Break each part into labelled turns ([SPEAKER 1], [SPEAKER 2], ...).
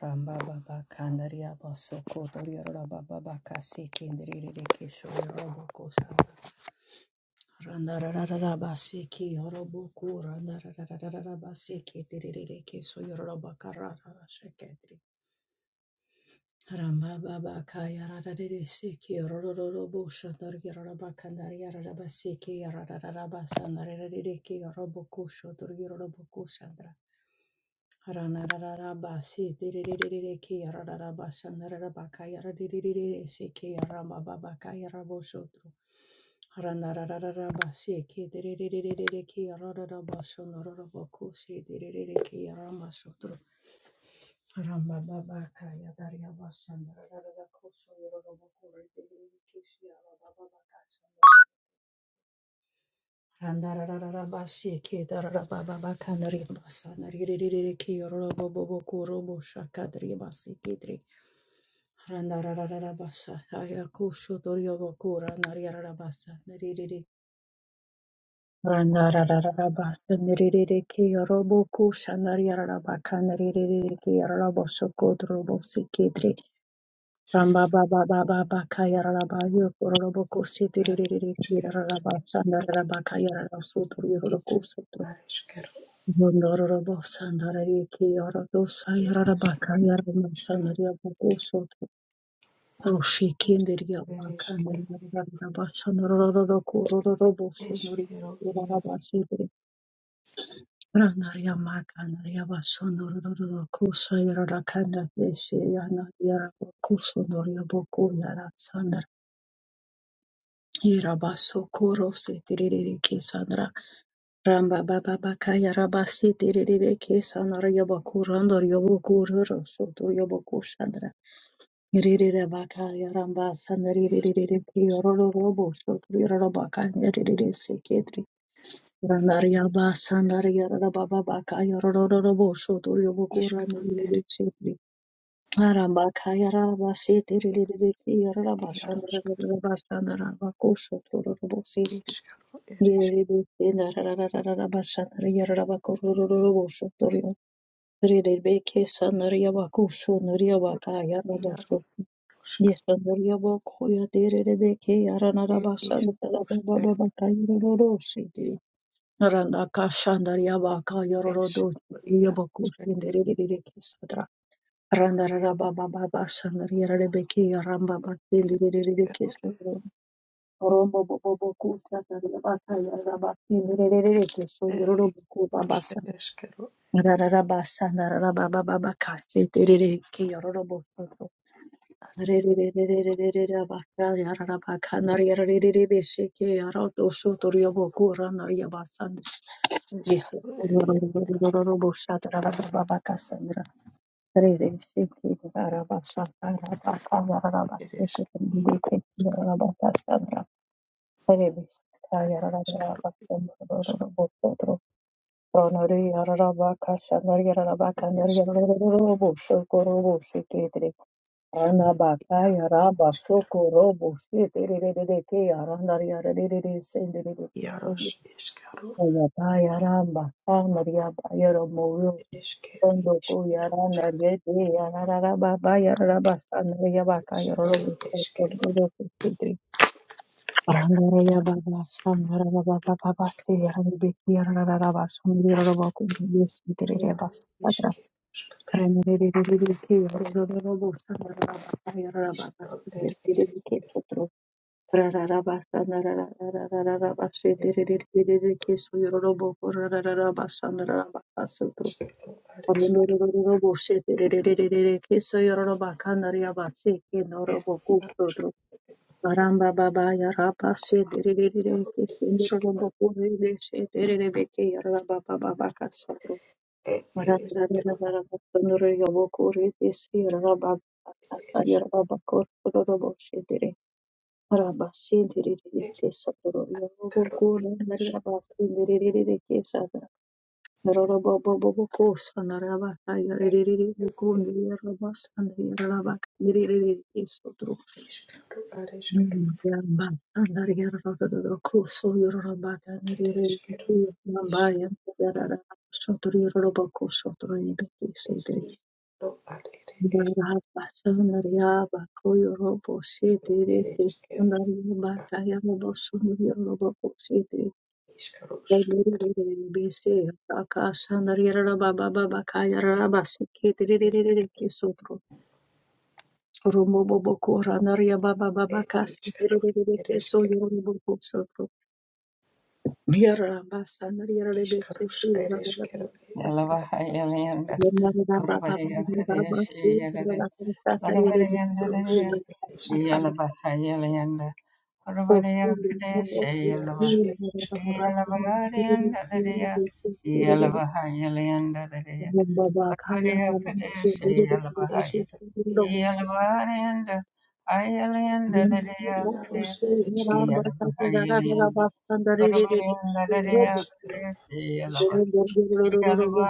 [SPEAKER 1] Ramba baba kandaria baso kotoria ramba baba kasi kindiri reke shori robo kosa. Randa rarara basi ki robo ku randa rarara basi ki diriri reke shori robo karara sheketri. Ramba baba kaya rarare seki rororo robo shotori ramba kandaria ramba seki rarara basa narere reke robo ku shotori robo ku Haranarararabasi, diriririririki, yarararabashanararabakayaradiririsi, kiyarabababakayarabosotro. Haranarararabasi, kidiriririki, yarararabashonororobokusi, diririki, yaramasotro. Harambababakayadariabashanarararakoso, yororobokore, diririki, siyarabababakasa. Handarararabashikedararabababakanarirbasanaririririkiyororobobokoroboshakadribasikedri. Randararararabashatayakushotoriobokoranariararabasa Randararararabasaniriririkiyorobokoshanariararabakanaririririkiyororoboshokodrobosikidri.
[SPEAKER 2] Ereshkigal,
[SPEAKER 1] Rambababababakayararabayokororobokusidiririririkirararabashanararabakayararasutoriorokusoto.
[SPEAKER 2] Ereshkigal,
[SPEAKER 1] Bondororobo sandaraye kiyara dosa yarara
[SPEAKER 2] Ereshkigal,
[SPEAKER 1] baka sandaria boko soto. Roshi kinderia baka
[SPEAKER 2] Ereshkigal,
[SPEAKER 1] narara basa norororo korororobo
[SPEAKER 2] Ereshkigal,
[SPEAKER 1] sonori
[SPEAKER 2] Ereshkigal, Ereshkigal,
[SPEAKER 1] yarara basidre. Ranaria maka naria baso norororo kosa yarara kanda deshe boko yara sandar. Yara koro se tiriri Ramba baba bakaya rabasi tiriri kesa narayabakuranda yabakurara soto yabakushandra. Ririre bakaya rambasa naririre kiyororo robo soto yarabakaya ririre seketri.
[SPEAKER 2] Yaroshkigal,
[SPEAKER 1] Ranariyabasa nariyarababa bakaya rororo robo soto yabakuranda
[SPEAKER 2] Ereshkigal,
[SPEAKER 1] ririre
[SPEAKER 2] Ereshkigal,
[SPEAKER 1] seketri. Arambakaya rabasi tiriri kiyarabashandra
[SPEAKER 2] Yaroshkigal,
[SPEAKER 1] rabashandra bakusoto robo seketri.
[SPEAKER 2] Ereshkigal,
[SPEAKER 1] Randa raba
[SPEAKER 2] Ereshkigal, Yaroshkigal, Ereshkigal, Ereshkigal, Ereshkigal, Ereshkigal, Ereshkigal, Yaroshkigal, Ereshkigal, Ereshkigal,
[SPEAKER 1] baba Rombo bobo boku shaka rabata yarabati nererere keso yororo boku babasa rarara basa narara baba baba kase terere ke yororo boku rerererererere rabaka yarara baka nar yararere beshe ke yaroto so toryo boku ranar yabasa yeso yororo bosha tarara baba baka sandra rere sheke rarabasa rarabaka yarabaka ke ke yarabaka sandra Ana baka yara basoko
[SPEAKER 2] Yaroshkigal,
[SPEAKER 1] robo shete re re re re ke yara nari yara re re re sende re re kusugi.
[SPEAKER 2] Yaros Iskero
[SPEAKER 1] Ana ba yara baka nari yaba yara moyo
[SPEAKER 2] Iske
[SPEAKER 1] kondo ko
[SPEAKER 2] Iskero
[SPEAKER 1] yara nari yete yara rara baba yara raba sa nari yaba ka
[SPEAKER 2] Skatis
[SPEAKER 1] yara robo
[SPEAKER 2] El
[SPEAKER 1] shete
[SPEAKER 2] Iskero
[SPEAKER 1] re re re kusugi. Rangariya Baba Sandra Baba Baba Rangbekir Rarabas Hundirabakun
[SPEAKER 2] Yaro
[SPEAKER 1] Yesitribas Patra
[SPEAKER 2] Iskero
[SPEAKER 1] Renere Rodorobus Rababas
[SPEAKER 2] Iskero El Eres
[SPEAKER 1] Ketro Rarabas
[SPEAKER 2] El
[SPEAKER 1] Rarabas Suyorobo Rarabas Sandrabasutro
[SPEAKER 2] Iskero Ares
[SPEAKER 1] Rondorobus Suyorobakan Riabas
[SPEAKER 2] El
[SPEAKER 1] Noroboku Baramba baba yaraba shederere
[SPEAKER 2] Yaro Yaro
[SPEAKER 1] kesendorombo
[SPEAKER 2] Iskero
[SPEAKER 1] kurele shederere beke yaraba baba bakasoro.
[SPEAKER 2] El Iskero
[SPEAKER 1] Marandarara sondoro yobo kurele si yaraba bakasa
[SPEAKER 2] Ares
[SPEAKER 1] yaraba bakororo shedere. Maraba shederere
[SPEAKER 2] El
[SPEAKER 1] kesoro yobo
[SPEAKER 2] Karo
[SPEAKER 1] kurele
[SPEAKER 2] Yaros
[SPEAKER 1] yaraba ke sada roro bobo bobo kosa naraba
[SPEAKER 2] El
[SPEAKER 1] yarere bokunde yaraba sandere yaraba. derere ke soro.
[SPEAKER 2] Iskero Ares
[SPEAKER 1] Baba
[SPEAKER 2] El Iskero Iskatis Iskero Ares El Iskero Iskero Skatis er, er,
[SPEAKER 1] Romo bobo kora naria Baba Baba
[SPEAKER 2] e
[SPEAKER 1] Kasi,
[SPEAKER 2] iškarus ir iškeru
[SPEAKER 1] Yara basa na yara lebe se
[SPEAKER 2] iškarus
[SPEAKER 1] ku
[SPEAKER 2] ir iškeru
[SPEAKER 1] yara
[SPEAKER 3] Yalavahayalanda,
[SPEAKER 1] Baba, Baba Baba
[SPEAKER 3] Uravariya
[SPEAKER 1] yara Baba Baba yara Baba
[SPEAKER 3] Kadeshi
[SPEAKER 1] ku yara
[SPEAKER 3] Yadade,
[SPEAKER 1] Baba sa ta yara lebe se ku
[SPEAKER 2] iškarus
[SPEAKER 3] Uravariyandadaya,
[SPEAKER 1] yara
[SPEAKER 2] ir
[SPEAKER 1] Baba
[SPEAKER 2] iškeru
[SPEAKER 1] Baba
[SPEAKER 3] Yalavahayalanda,
[SPEAKER 1] posto
[SPEAKER 3] Uravariya
[SPEAKER 1] de mo mo
[SPEAKER 2] ir
[SPEAKER 3] Kadeshi
[SPEAKER 1] ku
[SPEAKER 3] Yalava,
[SPEAKER 2] ierus
[SPEAKER 1] yara
[SPEAKER 2] ir
[SPEAKER 1] Baba Baba
[SPEAKER 2] iškeru
[SPEAKER 1] sa yara lebe se ku yara
[SPEAKER 3] Yalavariyandadaya,
[SPEAKER 1] lebe se ku yara lebe
[SPEAKER 3] Yalavahayalanda,
[SPEAKER 1] yara Baba ka yara
[SPEAKER 3] Uravariya
[SPEAKER 1] Baba ku yara
[SPEAKER 3] Kadeshi
[SPEAKER 2] iškeru
[SPEAKER 1] lebe
[SPEAKER 3] Yalavahaya,
[SPEAKER 1] se
[SPEAKER 2] iškeru
[SPEAKER 1] ku yara
[SPEAKER 2] ier
[SPEAKER 1] lebe se
[SPEAKER 3] Yalavariyanda, Ayalandadaya
[SPEAKER 2] ierus
[SPEAKER 3] Kadeshi,
[SPEAKER 1] ku yara lebe se
[SPEAKER 2] ir
[SPEAKER 1] yara
[SPEAKER 2] iškeru
[SPEAKER 1] Baba sa ku yara Baba
[SPEAKER 3] Yalavahayalanda,
[SPEAKER 1] sa yara
[SPEAKER 2] ir
[SPEAKER 3] Uravariya
[SPEAKER 1] Baba
[SPEAKER 2] iškeru
[SPEAKER 3] Kadeshi
[SPEAKER 1] Thank
[SPEAKER 2] iškarus
[SPEAKER 1] you.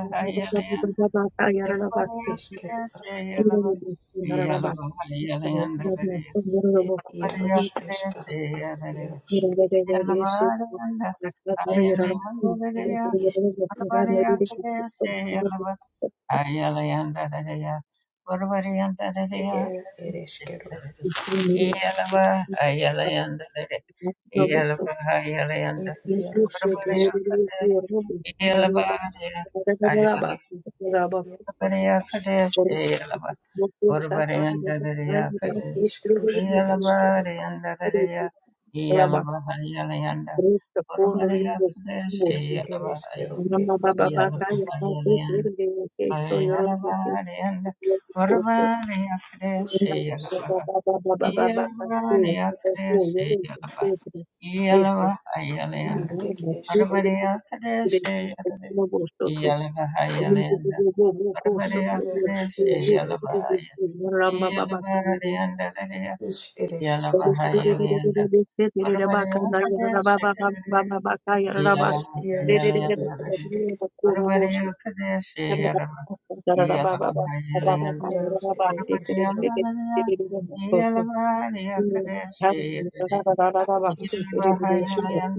[SPEAKER 1] I have a lot of things
[SPEAKER 2] iškeru as ir ierus
[SPEAKER 1] to
[SPEAKER 2] iškaru as ierus E
[SPEAKER 3] yeah.
[SPEAKER 2] iš ir
[SPEAKER 3] Ayala Yalaba, Yalaba,
[SPEAKER 2] ir iškeru ir ierus ir iškeru
[SPEAKER 3] Yalaba,
[SPEAKER 2] ir ier ir iškeru ir iškarus
[SPEAKER 1] do. Kristo kundų ir ilgų
[SPEAKER 2] E iškeru ir
[SPEAKER 1] mūšių.
[SPEAKER 2] ir
[SPEAKER 3] Yalaba,
[SPEAKER 2] iškeru ir
[SPEAKER 1] Mama baba
[SPEAKER 3] Yalaba,
[SPEAKER 2] ierus
[SPEAKER 1] baka ir mūsų irgi keiso ir rūdų keiso ir kurtų.
[SPEAKER 2] Tus eresquero,
[SPEAKER 1] Baba baba baba baba kasi ir kasi ir kasi. Eisa.
[SPEAKER 2] ar et esquero, et ieros eresquero, et
[SPEAKER 1] Ramba baba ka
[SPEAKER 2] is
[SPEAKER 1] Yo,
[SPEAKER 2] eresquero, et ieros ere esque, et ieros ere esquero,
[SPEAKER 3] Yalabahayalanda,
[SPEAKER 2] ar is ere esquero,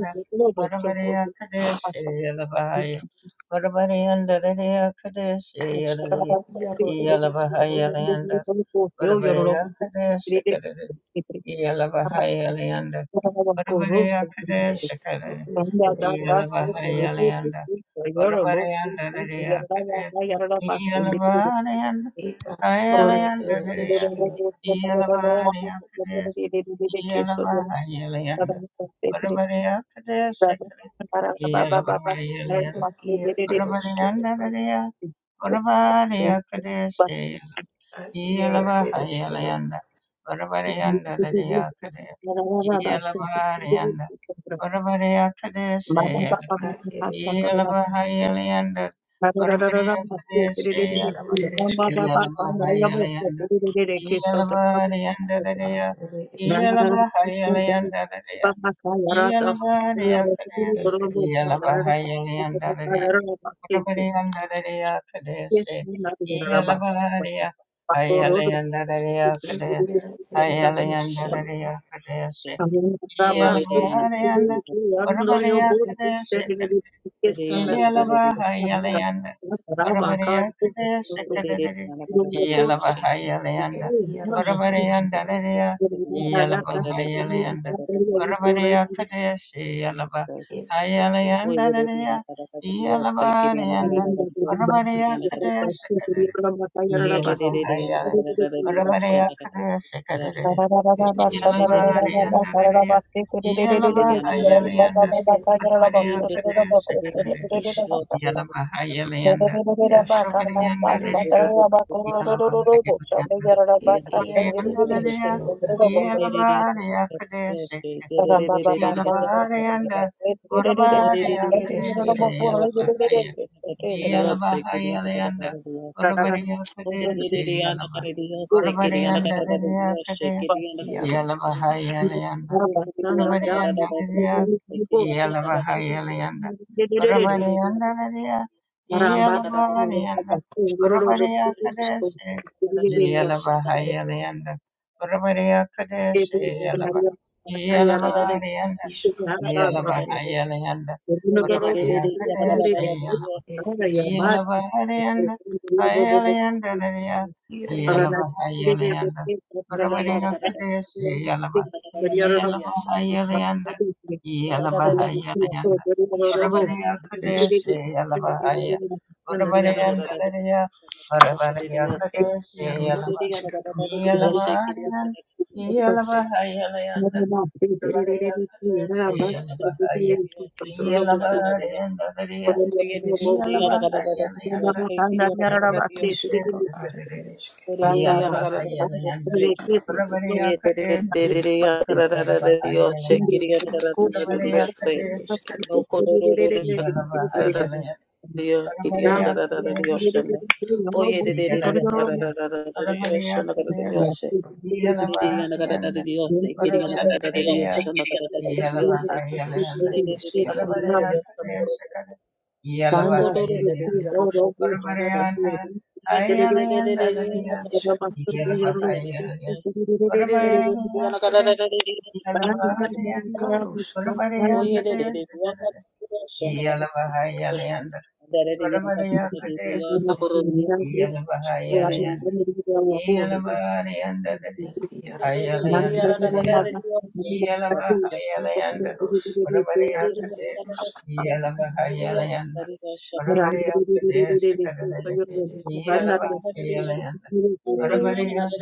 [SPEAKER 2] at scaro, iero eresquero,
[SPEAKER 3] Ora bariya kadesi
[SPEAKER 2] esquero is
[SPEAKER 1] Sanda
[SPEAKER 2] ere
[SPEAKER 1] da da so
[SPEAKER 2] esquero,
[SPEAKER 1] tere de de
[SPEAKER 3] Yalabahayalayanda,
[SPEAKER 1] de so yoro bo ku ku ku
[SPEAKER 3] Varavarayandadaya,
[SPEAKER 1] yara da da
[SPEAKER 3] Kadaya,
[SPEAKER 1] da yara da pa sin de de
[SPEAKER 3] Yalabahayalayanda,
[SPEAKER 2] et ar
[SPEAKER 1] pronto
[SPEAKER 2] iero
[SPEAKER 1] de
[SPEAKER 2] ere
[SPEAKER 1] de de
[SPEAKER 3] Hayalayandadaya,
[SPEAKER 1] de de de so
[SPEAKER 2] esquero,
[SPEAKER 1] da da da da ma
[SPEAKER 3] Yalabahaya
[SPEAKER 1] so de
[SPEAKER 3] Kadaya,
[SPEAKER 1] de de de de de de ke so de da da
[SPEAKER 3] Yalabahayalayanda,
[SPEAKER 1] da so de de de
[SPEAKER 3] Varavaraya Kadaya,
[SPEAKER 1] da da
[SPEAKER 3] Sikala,
[SPEAKER 1] da da da ba ba ba ba yara da pa
[SPEAKER 3] Yalabahayalayanda,
[SPEAKER 2] et
[SPEAKER 1] sin de
[SPEAKER 2] ier
[SPEAKER 1] de de de de ke
[SPEAKER 2] eresquero,
[SPEAKER 3] Varavarayandadaya,
[SPEAKER 1] so
[SPEAKER 3] Varavaraya
[SPEAKER 1] de de ba
[SPEAKER 3] Kadaya,
[SPEAKER 2] ar iero eresquero,
[SPEAKER 3] Iyalabahayalayanda,
[SPEAKER 1] sin de de de de so
[SPEAKER 3] Varavarayandadadayakadaya,
[SPEAKER 1] da da da da ba sin de de de
[SPEAKER 3] Iyalabaharayanda,
[SPEAKER 1] de so da
[SPEAKER 3] Varavarayakadaya
[SPEAKER 1] ba ba ba ba
[SPEAKER 3] Seyalaba,
[SPEAKER 1] ba
[SPEAKER 2] ar
[SPEAKER 1] ba ba ba
[SPEAKER 2] eresquero,
[SPEAKER 1] ba
[SPEAKER 3] Iyalabahayalayanda,
[SPEAKER 1] Yes,
[SPEAKER 3] Varavarayakadaya
[SPEAKER 2] iero
[SPEAKER 3] Seyalaba,
[SPEAKER 2] eresquero,
[SPEAKER 3] Iyalabahayalayanda,
[SPEAKER 2] ar
[SPEAKER 3] Iyalabaharayandadadaya,
[SPEAKER 2] ere esquero.
[SPEAKER 3] Iyalabahayalayandadadaya, Iyalabaharayakadaya,
[SPEAKER 2] Ere eskero,
[SPEAKER 3] Iyalabahayalayandadadaya, Urabariyandarariya kadesi, Iyalabarariya, Hayalayandarariya
[SPEAKER 2] ed
[SPEAKER 3] kadesi,
[SPEAKER 2] iaro, ere eskero,
[SPEAKER 3] Hayalayandarariya kadesi, Iyalabarariyanda, Urabariya
[SPEAKER 2] ed
[SPEAKER 3] kadesi,
[SPEAKER 2] eskero,
[SPEAKER 3] Yalabahayalayanda Varavareyakadaya Sekadadari
[SPEAKER 1] Thank
[SPEAKER 2] ed
[SPEAKER 3] Yalabahayalayanda
[SPEAKER 1] you.
[SPEAKER 2] iaros, ere
[SPEAKER 3] Varavaryanda
[SPEAKER 2] eskero,
[SPEAKER 3] Raya Yalabahayalayanda Varavareyakadaya
[SPEAKER 2] ed is,
[SPEAKER 3] Seyalabahayalayanda Raya Yalabarayanda Varavareyakadaya Sekadari Yalabahayalay Varavareyakadaya Sekadari
[SPEAKER 2] ed is, ere eskero,
[SPEAKER 3] Yalabarayanda Raya
[SPEAKER 2] ed ere
[SPEAKER 3] Yalabahayalayanda
[SPEAKER 2] eskero,
[SPEAKER 3] Varavareyakadaya
[SPEAKER 2] ed
[SPEAKER 3] Sekadari
[SPEAKER 2] is,
[SPEAKER 3] Yalabahayalanda,
[SPEAKER 2] iraskata, ere
[SPEAKER 3] Urabadiyandadadida,
[SPEAKER 2] eskero,
[SPEAKER 3] Yalabahayalanda,
[SPEAKER 2] ed iar, ed
[SPEAKER 3] Urabadiyandadadida,
[SPEAKER 2] eskero,
[SPEAKER 3] Yalabadiyakadesi,
[SPEAKER 1] Baramba
[SPEAKER 3] Yalabadiyanda,
[SPEAKER 2] ed i, ere
[SPEAKER 3] Urabadiyakadesi,
[SPEAKER 2] eskero,
[SPEAKER 3] Yalabahaya, Yalabahayalanda, Urabadiyakadesi, Yalaba- Urabadiyandadadiyakade,
[SPEAKER 2] iaro,
[SPEAKER 3] Yalabahayalayanda, Urubariyanda Lydia, Yalabahayalayanda, Urubariyanda Lydia, Yalabahayalayanda, Urubariya Kadeshi, Yalabahayalayanda, Urubariya Kadeshi, Yalaba, Yalabahayalayanda,
[SPEAKER 2] is, ed,
[SPEAKER 3] Yalabahayalayanda,
[SPEAKER 1] Thank
[SPEAKER 3] Urubariya Kadeshi,
[SPEAKER 2] ed, ed,
[SPEAKER 3] Yalabahalayanda, Hayalayandalaya,
[SPEAKER 2] ire, ed,
[SPEAKER 3] Yalabahayalayanda, Urabadiyakudesi, Yalaba,
[SPEAKER 2] iaro,
[SPEAKER 3] Yalabahayalayanda, Yalabahayalayanda,
[SPEAKER 2] isk, eskero,
[SPEAKER 3] Urabadiyakudesi, Yalabahaya, Urabadiyandalaya, Urabadiyakudesi,
[SPEAKER 2] iaros,
[SPEAKER 3] Yalaba,
[SPEAKER 2] eskato,
[SPEAKER 3] Yalabahayalayanda, Yalabahayalayanda, Urabadiyakudesi, Yalabahaya, Yalabahayalayandalaya,
[SPEAKER 2] ere
[SPEAKER 1] you.
[SPEAKER 2] eskero, is, ro, are, ere
[SPEAKER 3] yeah.
[SPEAKER 2] eskero. Ishkarushkere eshkero yaroshkere ashkarushkere ishkarushkere eshkero yaroshkere
[SPEAKER 3] Orabariana, Hayalianda,
[SPEAKER 2] ishkarushkere
[SPEAKER 3] Yelaba Hayalia, Orabaria,
[SPEAKER 1] Rambang
[SPEAKER 3] Yelaba Hadianda,
[SPEAKER 2] karoshkere
[SPEAKER 3] Orabaria, Prede, Yelaba Hayalianda, Orabaria, Prede,
[SPEAKER 2] eshkero
[SPEAKER 3] Yelaba
[SPEAKER 2] ereshkere
[SPEAKER 3] Hayalianda, Yelaba Hadianda,
[SPEAKER 2] yaroshkere
[SPEAKER 3] Hayalianda, Yelaba Hayalianda,
[SPEAKER 2] yaroshkere
[SPEAKER 3] Orabaria, Prede, Yelaba
[SPEAKER 2] ereshkero
[SPEAKER 3] Ayalian, Yalabahayalayan, Rabariya
[SPEAKER 2] ishkarushkere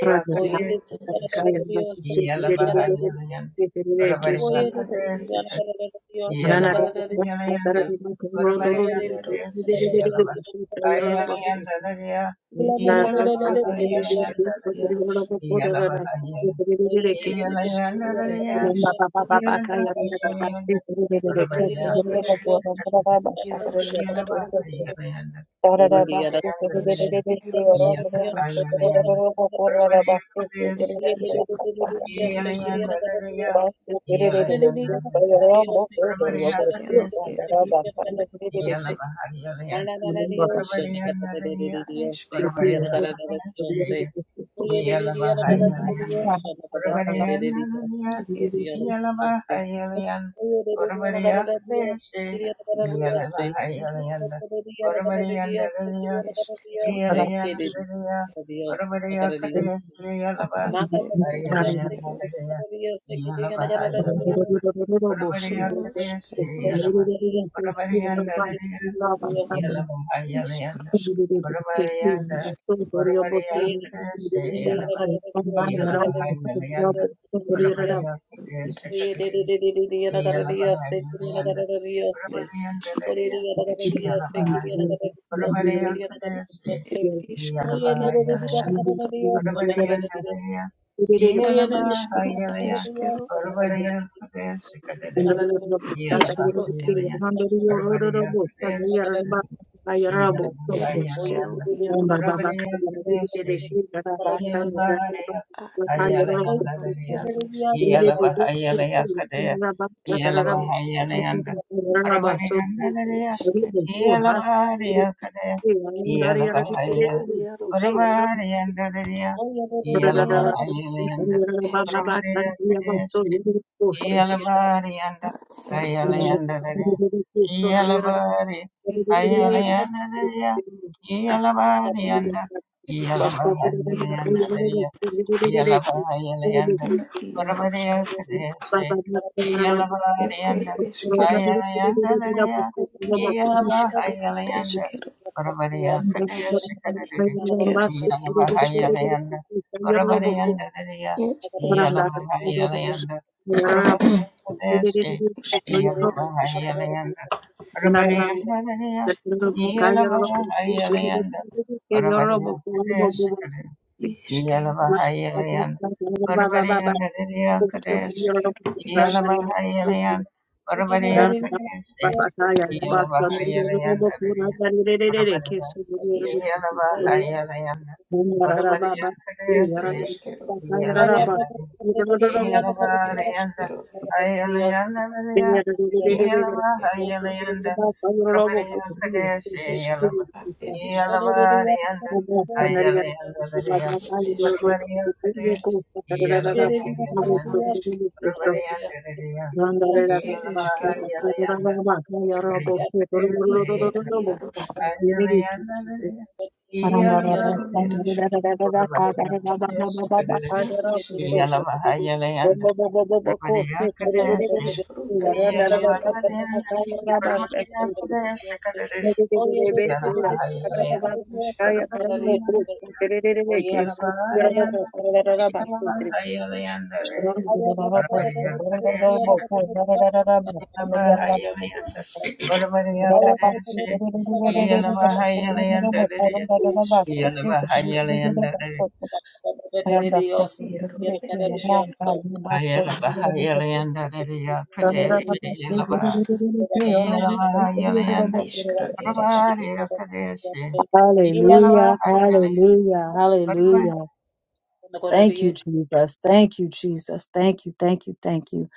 [SPEAKER 1] Thank
[SPEAKER 2] yaro ereshkere yaro
[SPEAKER 3] Kadesh,
[SPEAKER 1] you.
[SPEAKER 2] ereshkere
[SPEAKER 3] yeah.
[SPEAKER 2] yaro ishkarushkere eshkero yaroshkere Iskero ed eskero ed eskero iarosk eskero iarosk ed iskero ad ed eskero
[SPEAKER 1] Thank
[SPEAKER 2] eskero ed
[SPEAKER 3] Yala Bahayalian,
[SPEAKER 2] iad
[SPEAKER 3] Barbaria Naraya,
[SPEAKER 2] iskar esk
[SPEAKER 3] Barbaria
[SPEAKER 1] you.
[SPEAKER 3] Kadanase, yeah.
[SPEAKER 2] iad ed ne ed iaskero eskero ed ed ed eskero iarosk iarosk iskarosk ad ed esk
[SPEAKER 3] Oravaria Kadeshe Yalava Yalavaha Yalayanda
[SPEAKER 2] ed
[SPEAKER 3] Oravaria
[SPEAKER 2] ed
[SPEAKER 3] Kadeshe
[SPEAKER 2] esk
[SPEAKER 3] Kadere Yalavaha Yalayanda
[SPEAKER 2] ed
[SPEAKER 3] Oravarianda Daria
[SPEAKER 2] esk
[SPEAKER 1] Thank
[SPEAKER 3] Yalavahaya Oravaria Kadeshe
[SPEAKER 2] ed iskero
[SPEAKER 3] Yalavaha
[SPEAKER 2] ed
[SPEAKER 3] Yalayanda
[SPEAKER 2] askatro
[SPEAKER 3] Oravarianda Daria
[SPEAKER 1] you.
[SPEAKER 2] ed
[SPEAKER 3] Yalavaha
[SPEAKER 2] iskero ed
[SPEAKER 3] Yalaya
[SPEAKER 2] eskero
[SPEAKER 3] Oravaria Kadeshe Kadere
[SPEAKER 2] iskero
[SPEAKER 3] Yalavaha
[SPEAKER 2] ed
[SPEAKER 3] Yalaya Oravaria Kadeshe Yellow,
[SPEAKER 2] ereshkigal iaro a eshkaro eresh ereshkigal ereshkigal a er iarosk
[SPEAKER 1] Baba
[SPEAKER 2] eshka
[SPEAKER 3] Iyalabari yanda,
[SPEAKER 2] a ereshkigal
[SPEAKER 3] ayalayanda dadaya. Iyalabari, ayalayanda dadaya. Iyalabari yanda,
[SPEAKER 2] eresh
[SPEAKER 3] iyalabari yanda
[SPEAKER 2] iarosk
[SPEAKER 3] dadaya. Iyalabari ayalayanda,
[SPEAKER 2] ina iarosk
[SPEAKER 3] varabariya kadesi.
[SPEAKER 2] et
[SPEAKER 3] Iyalabari
[SPEAKER 2] er
[SPEAKER 3] yanda,
[SPEAKER 2] ereshkigal
[SPEAKER 3] ayalayanda dadaya. Iyalabari
[SPEAKER 2] ishkaro
[SPEAKER 3] ayalayanda,
[SPEAKER 2] areshkigal
[SPEAKER 3] varabariya kadesi kadadadi.
[SPEAKER 2] eshkero
[SPEAKER 3] Iyalabari
[SPEAKER 2] eshkata
[SPEAKER 3] ayalayanda, varabariya dadaya.
[SPEAKER 2] er
[SPEAKER 3] Iyalabari ayalayanda.
[SPEAKER 2] eshkaros
[SPEAKER 3] Urvariyakadesi,
[SPEAKER 2] er iaroskaro
[SPEAKER 3] Iyanavahayalayanda,
[SPEAKER 1] Thank you.
[SPEAKER 3] Urvariyandadadiya,
[SPEAKER 2] iaroskero
[SPEAKER 3] Iyalavahayalayanda, Urvariyakadesi,
[SPEAKER 2] ishkeros
[SPEAKER 3] Iyalavahayalayanda,
[SPEAKER 2] er
[SPEAKER 3] Urvariyandadadiyakadesi,
[SPEAKER 2] eshkero
[SPEAKER 3] Iyalavahayalayanda, Urvariyakadesi, Iyalavahayalayandadadiya,
[SPEAKER 2] eshkero
[SPEAKER 3] Yelabahayalayanda,
[SPEAKER 2] It
[SPEAKER 3] Varavariyakadesi,
[SPEAKER 2] is kettle.
[SPEAKER 3] Yelabahaya,
[SPEAKER 2] It is
[SPEAKER 3] Yelabariyanda,
[SPEAKER 2] kettle.
[SPEAKER 3] Ayalayandaraya,
[SPEAKER 2] Yeah. It
[SPEAKER 3] Yelabahayalayanda, Varavariyakadesi,
[SPEAKER 2] is
[SPEAKER 3] Yelaba,
[SPEAKER 2] kettle. It is.
[SPEAKER 3] Yelabariyanda,
[SPEAKER 1] Randa
[SPEAKER 3] Ayalayandaraya,
[SPEAKER 2] It is kettle.
[SPEAKER 3] Varavariyakadesi,
[SPEAKER 2] It is
[SPEAKER 3] Yelabahayalayanda,
[SPEAKER 2] kettle.
[SPEAKER 3] Varavariyandaraya,
[SPEAKER 2] It is kettle.
[SPEAKER 3] Yelabahayalayanda,
[SPEAKER 2] It is
[SPEAKER 3] Varavariyakadesi,
[SPEAKER 2] yaroska.
[SPEAKER 3] Yalama,
[SPEAKER 2] It yaro. It is. Na is. It is. It is kettle. It is kettle.
[SPEAKER 1] Thank
[SPEAKER 2] It is kettle. Is. It is kettle. It is.
[SPEAKER 3] Yelabahayalanda,
[SPEAKER 2] kru, It is kettle. Yaro. It is kettle. Yaroska. at iskra, It
[SPEAKER 1] you.
[SPEAKER 2] is kettle.
[SPEAKER 1] Hallelujah. Hallelujah. Hallelujah. Thank you, Jesus. Thank you, Jesus. Thank you. Thank you. Thank you.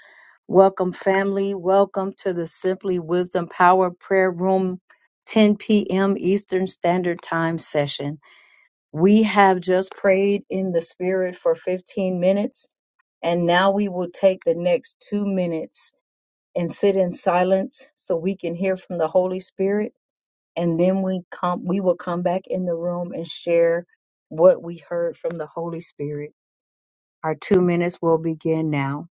[SPEAKER 1] Welcome, family. Welcome to the Simply Wisdom Power Prayer Room, 10 p.m. Eastern Standard Time session. We have just prayed in the Spirit for 15 minutes, and now we will take the next two minutes and sit in silence so we can hear from the Holy Spirit and then we come we will come back in the room and share what we heard from the holy spirit our two minutes will begin now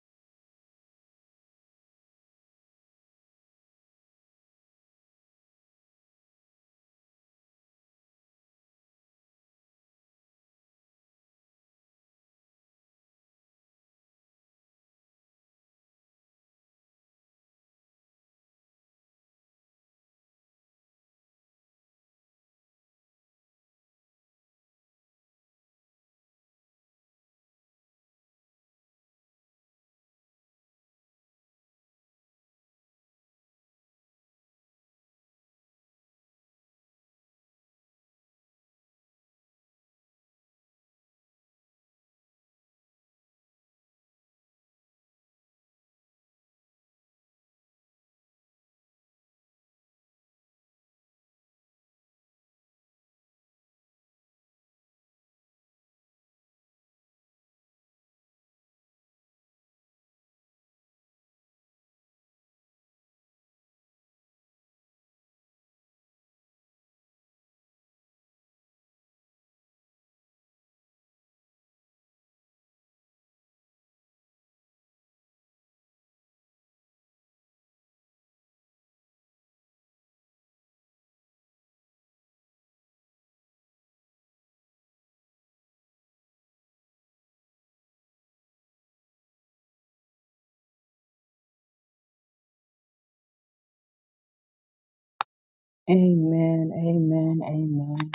[SPEAKER 1] amen amen amen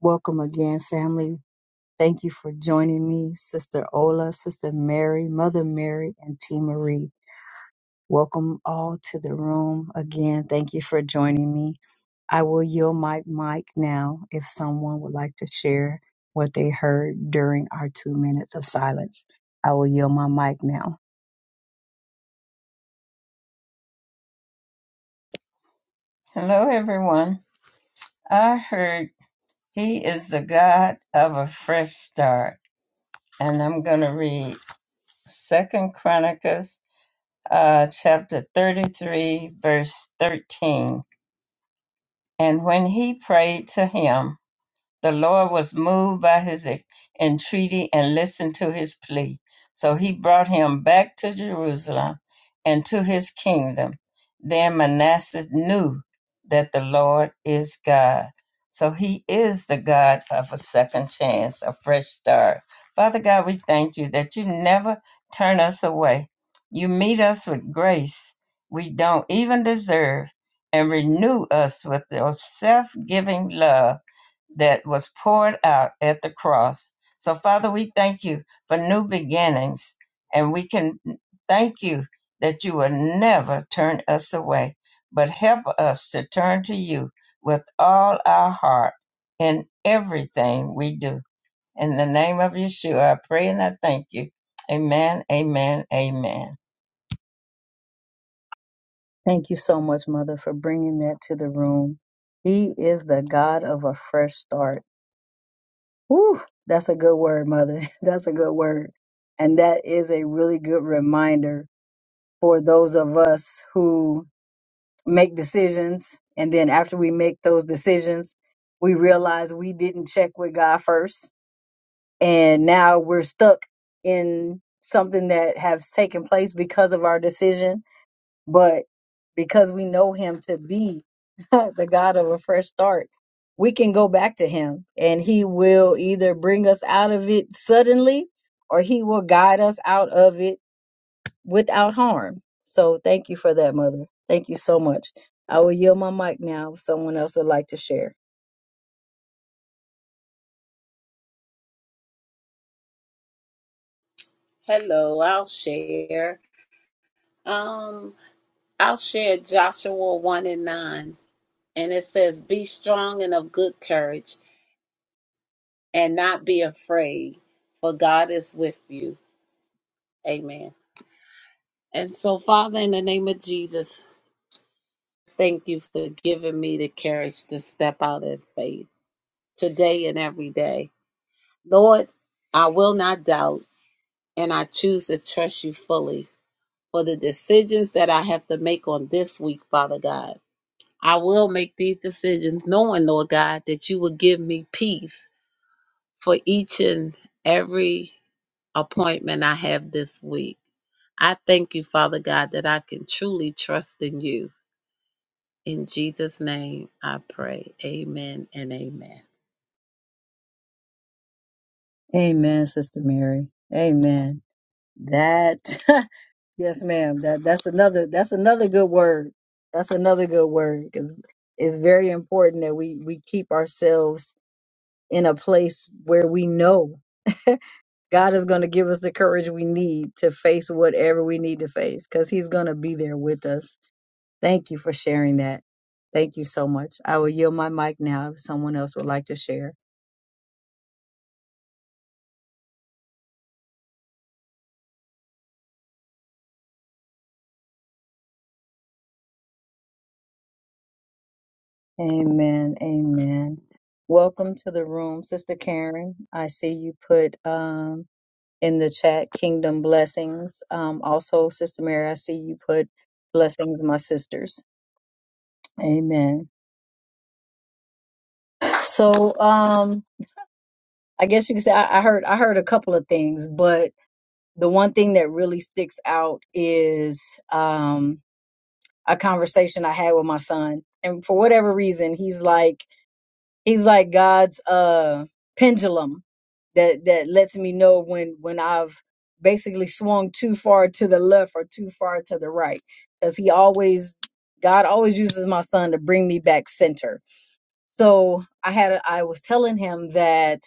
[SPEAKER 1] welcome again family thank you for joining me sister ola sister mary mother mary and t marie welcome all to the room again thank you for joining me I will yield my mic now if someone would like to share what they heard during our two minutes of silence. I will yield my mic now.
[SPEAKER 3] Hello, everyone. I heard he is the God of a fresh start, and I'm going to read Second Chronicles uh, chapter 33, verse 13. And when he prayed to him, the Lord was moved by his entreaty and listened to his plea. So he brought him back to Jerusalem and to his kingdom. Then Manasseh knew that the Lord is God. So he is the God of a second chance, a fresh start. Father God, we thank you that you never turn us away. You meet us with grace we don't even deserve and renew us with your self giving love that was poured out at the cross. So, Father, we thank you for new beginnings, and we can thank you that you will never turn us away, but help us to turn to you with all our heart in everything we do. In the name of Yeshua, I pray and I thank you. Amen, amen, amen.
[SPEAKER 1] Thank you so much, Mother, for bringing that to the room. He is the God of a fresh start. Whew, that's a good word, Mother. That's a good word. And that is a really good reminder for those of us who make decisions. And then after we make those decisions, we realize we didn't check with God first and now we're stuck in something that has taken place because of our decision but because we know him to be the god of a fresh start we can go back to him and he will either bring us out of it suddenly or he will guide us out of it without harm so thank you for that mother thank you so much i will yield my mic now if someone else would like to share
[SPEAKER 4] Um, I'll share Joshua 1 and 9. And it says, Be strong and of good courage and not be afraid.
[SPEAKER 1] amen sister mary amen that Yes, ma'am. That that's another that's another good word. That's another good word. It's it's very important that we we keep ourselves in a place where we know God is going to give us the courage we need to face whatever we need to face cuz he's going to be there with us. Thank you for sharing that. Thank you so much. I will yield my mic now if someone else would like to share. Amen. Amen. Welcome to the room, Sister Karen. I see you put um in the chat kingdom blessings. Um, also, Sister Mary, I see you put blessings, my sisters. Amen. So, um, I guess you could say I, I heard I heard a couple of things, but the one thing that really sticks out is um, a conversation I had with my son. And for whatever reason, he's like. He's like God's uh pendulum that that lets me know when when I've basically swung too far to the left or too far to the right because he always God always uses my son to bring me back center. So I had a, I was telling him that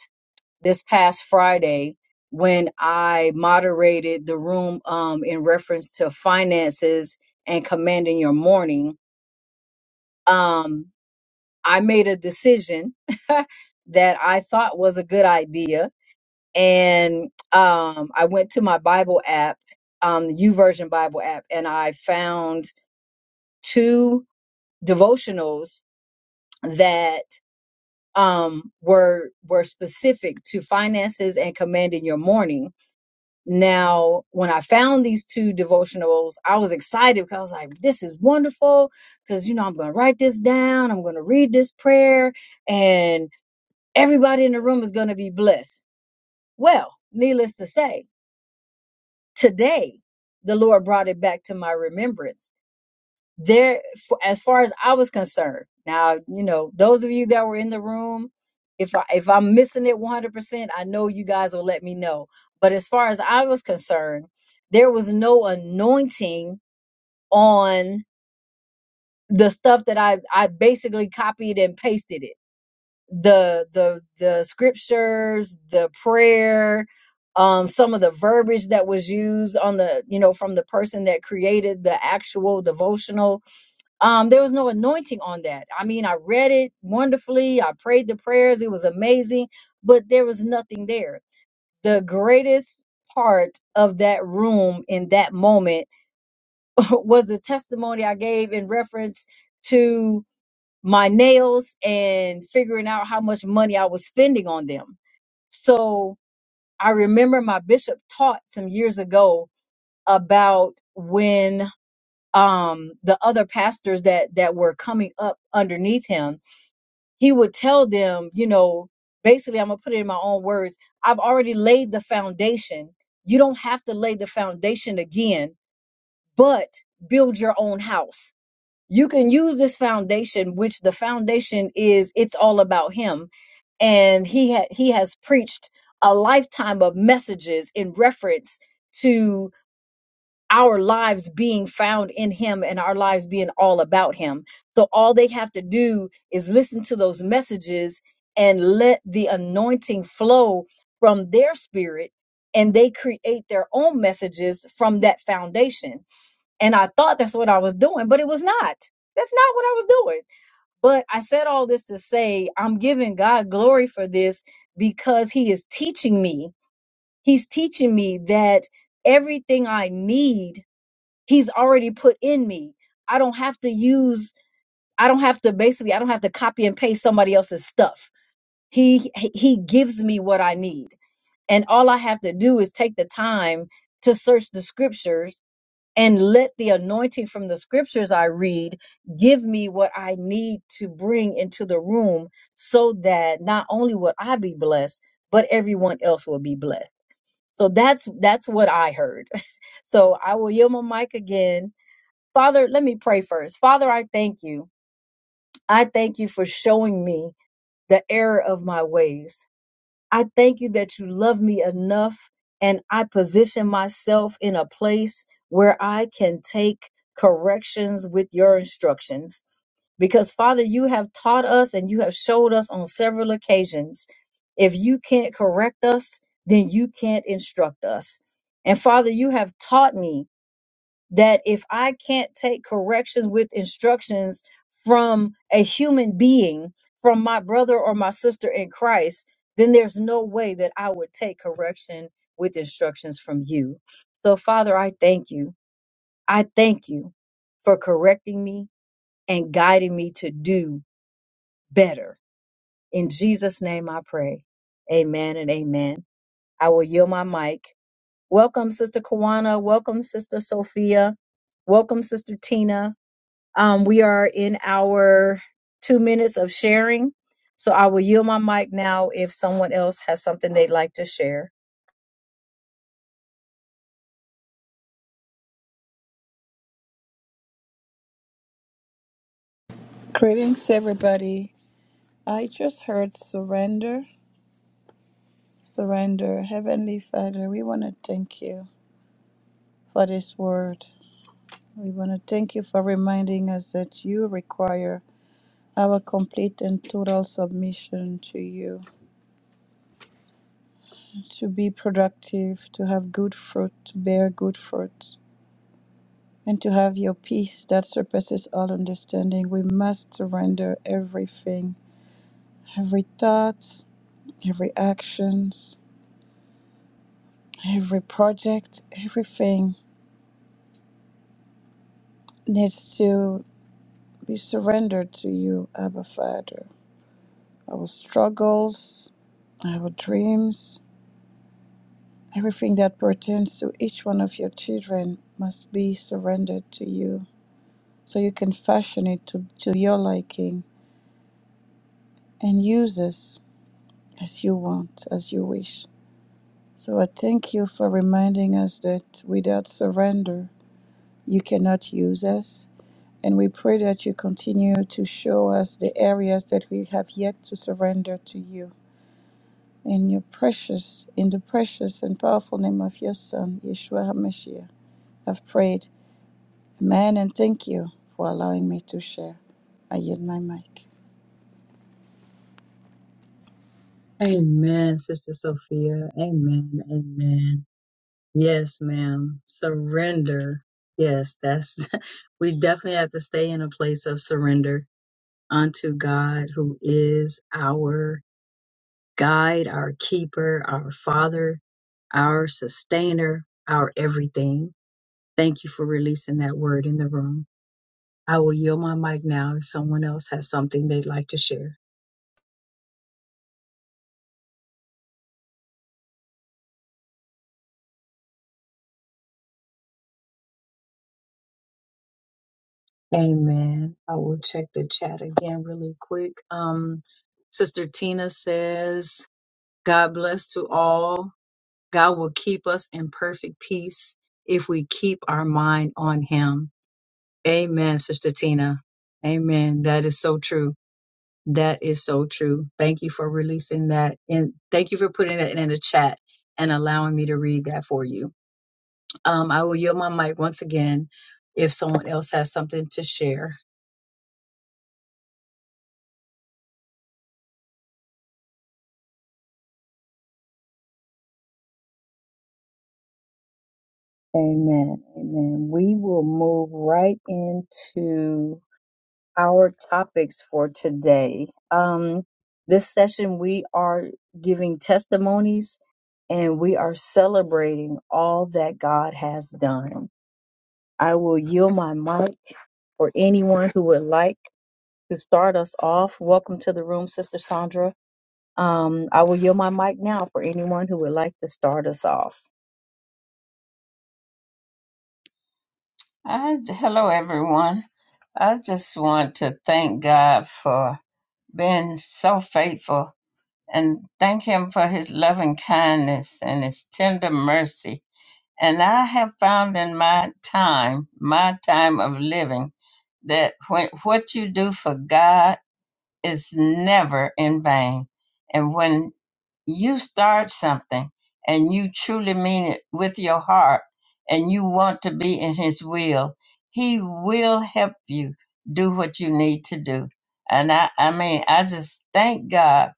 [SPEAKER 1] this past Friday when I moderated the room um in reference to finances and commanding your morning um I made a decision that I thought was a good idea, and um, I went to my Bible app, um, the YouVersion Bible app, and I found two devotionals that um, were were specific to finances and commanding your morning. Now, when I found these two devotionals, I was excited because I was like, "This is wonderful!" Because you know, I'm going to write this down. I'm going to read this prayer, and Everybody in the room is going to be blessed. Well, needless to say, today the Lord brought it back to my remembrance. There, for, as far as I was concerned, now you know those of you that were in the room. If I if I'm missing it 100%, I know you guys will let me know. But as far as I was concerned, there was no anointing on the stuff that I I basically copied and pasted it the the the scriptures, the prayer, um, some of the verbiage that was used on the you know from the person that created the actual devotional. Um, there was no anointing on that. I mean, I read it wonderfully. I prayed the prayers. It was amazing, but there was nothing there. The greatest part of that room in that moment was the testimony I gave in reference to my nails and figuring out how much money I was spending on them. So I remember my bishop taught some years ago about when um the other pastors that that were coming up underneath him he would tell them you know basically i'm gonna put it in my own words i've already laid the foundation you don't have to lay the foundation again but build your own house you can use this foundation which the foundation is it's all about him and he ha- he has preached a lifetime of messages in reference to our lives being found in him and our lives being all about him so all they have to do is listen to those messages and let the anointing flow from their spirit and they create their own messages from that foundation and I thought that's what I was doing, but it was not. That's not what I was doing. But I said all this to say I'm giving God glory for this because He is teaching me. He's teaching me that everything I need, He's already put in me. I don't have to use, I don't have to basically, I don't have to copy and paste somebody else's stuff. He He gives me what I need. And all I have to do is take the time to search the scriptures and let the anointing from the scriptures I read give me what I need to bring into the room so that not only will I be blessed, but everyone else will be blessed. So that's that's what I heard. So I will yield my mic again. Father, let me pray first. Father, I thank you. I thank you for showing me the error of my ways. I thank you that you love me enough and I position myself in a place where I can take corrections with your instructions. Because, Father, you have taught us and you have showed us on several occasions if you can't correct us, then you can't instruct us. And, Father, you have taught me that if I can't take corrections with instructions from a human being, from my brother or my sister in Christ, then there's no way that I would take correction with instructions from you. So, Father, I thank you. I thank you for correcting me and guiding me to do better. In Jesus' name I pray. Amen and amen. I will yield my mic. Welcome, Sister Kawana. Welcome, Sister Sophia. Welcome, Sister Tina. Um, we are in our two minutes of sharing. So I will yield my mic now if someone else has something they'd like to share.
[SPEAKER 5] Greetings, everybody. I just heard surrender, surrender. Heavenly Father, we want to thank you for this word. We want to thank you for reminding us that you require our complete and total submission to you to be productive, to have good fruit, to bear good fruit, and to have your peace that surpasses all understanding. We must surrender everything, every thought, every actions Every project, everything needs to be surrendered to you, Abba Father. Our struggles, our dreams, everything that pertains to each one of your children must be surrendered to you so you can fashion it to, to your liking and use us as you want, as you wish. So I thank you for reminding us that without surrender, you cannot use us. And we pray that you continue to show us the areas that we have yet to surrender to you. In your precious, in the precious and powerful name of your Son, Yeshua HaMashiach, I've prayed. Amen and thank you for allowing me to share. I yield my mic.
[SPEAKER 1] Amen, Sister Sophia. Amen. Amen. Yes, ma'am. Surrender. Yes, that's we definitely have to stay in a place of surrender unto God who is our guide, our keeper, our father, our sustainer, our everything. Thank you for releasing that word in the room. I will yield my mic now if someone else has something they'd like to share. Amen. I will check the chat again really quick. Um, Sister Tina says, God bless to all. God will keep us in perfect peace if we keep our mind on Him. Amen, Sister Tina. Amen. That is so true. That is so true. Thank you for releasing that. And thank you for putting that in the chat and allowing me to read that for you. Um, I will yield my mic once again if someone else has something to share. Amen. Amen. We will move right into our topics for today. Um, this session, we are giving testimonies and we are celebrating all that God has done. I will yield my mic for anyone who would like to start us off. Welcome to the room, Sister Sandra. Um, I will yield my mic now for anyone who would like to start us off.
[SPEAKER 3] I, hello, everyone. I just want to thank God for being so faithful and thank him for his loving kindness and his tender mercy. And I have found in my time, my time of living, that when, what you do for God is never in vain. And when you start something and you truly mean it with your heart and you want to be in His will, He will help you do what you need to do. And I, I mean, I just thank God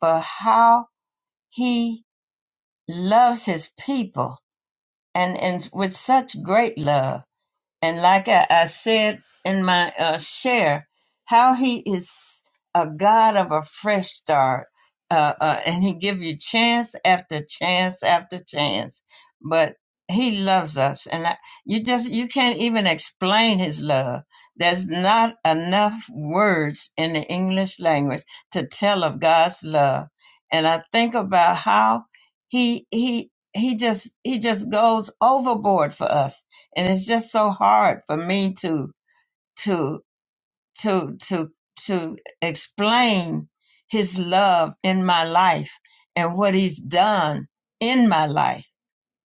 [SPEAKER 3] for how he loves his people and and with such great love and like I, I said in my uh, share, how he is a God of a fresh start, uh, uh, and he give you chance after chance after chance. But he loves us, and I, you just you can't even explain his love. There's not enough words in the English language to tell of God's love, and I think about how he he he just he just goes overboard for us and it's just so hard for me to to to to to explain his love in my life and what he's done in my life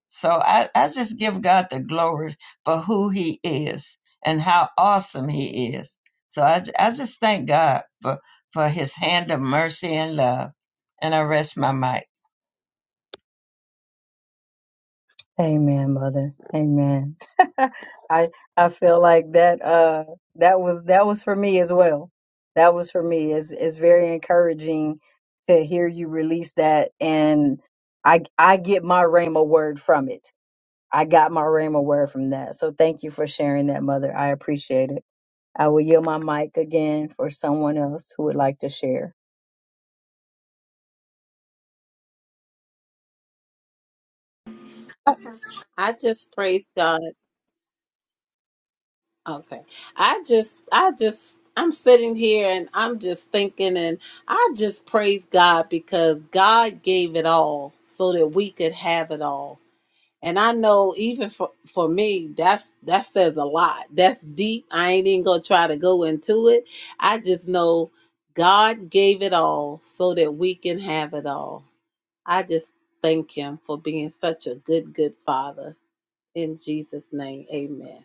[SPEAKER 3] so i, I just give god the glory for who he is and how awesome he is so i, I just thank god for for his hand of mercy and love and i rest my mic
[SPEAKER 1] Amen, mother. Amen. I I feel like that uh that was that was for me as well. That was for me. It's it's very encouraging to hear you release that and I I get my Rhema word from it. I got my Rhema word from that. So thank you for sharing that, mother. I appreciate it. I will yield my mic again for someone else who would like to share.
[SPEAKER 4] I just praise God. Okay. I just, I just, I'm sitting here and I'm just thinking and I just praise God because God gave it all so that we could have it all. And I know even for, for me, that's that says a lot. That's deep. I ain't even gonna try to go into it. I just know God gave it all so that we can have it all. I just thank him for being such a good, good father. In Jesus' name, amen.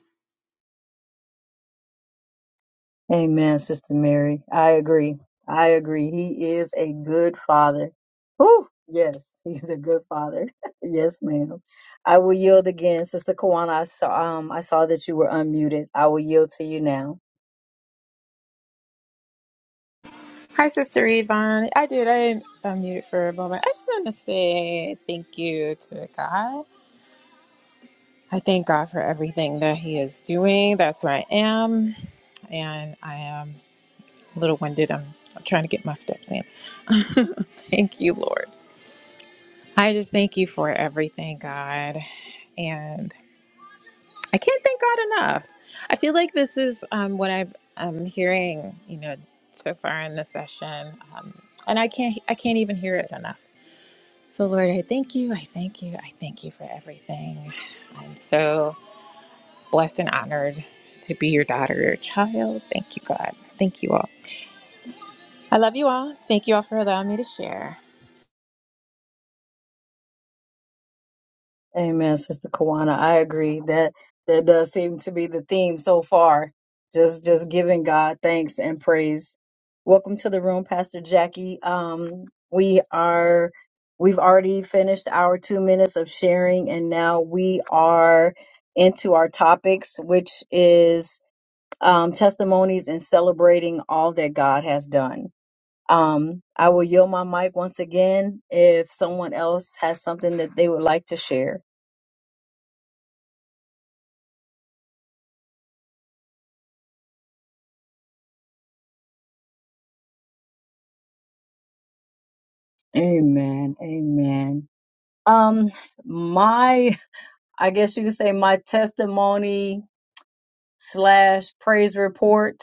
[SPEAKER 1] Amen, Sister Mary. I agree. I agree. He is a good father. Whew, yes, he's a good father. yes, ma'am. I will yield again, Sister Kawana. I saw um I saw that you were unmuted. I will yield to you now.
[SPEAKER 6] Hi, Sister Yvonne. I did. I unmuted for a moment. I just want to say thank you to God. I thank God for everything that He is doing. That's where I am. And I am a little winded. I'm, I'm trying to get my steps in. Thank you, Lord. I just thank you for everything, God. And I can't thank God enough. I feel like this is um, what I've, I'm hearing, you know, so far in the session. Um, and I can't, I can't even hear it enough. So, Lord, I thank you. I thank you. I thank you for everything. I'm so blessed and honored to be your daughter, your child. Thank you, God. Thank you all. I love you all. Thank you all for allowing me to share.
[SPEAKER 1] Amen, Sister Kawana. I agree that that does seem to be the theme so far. Just just giving God thanks and praise. Welcome to the room, Pastor Jackie. Um, we are we've already finished our two minutes of sharing, and now we are into our topics, which is um, testimonies and celebrating all that God has done. Um, I will yield my mic once again if someone else has something that they would like to share. Amen. Amen. Um, my, I guess you could say my testimony slash praise report,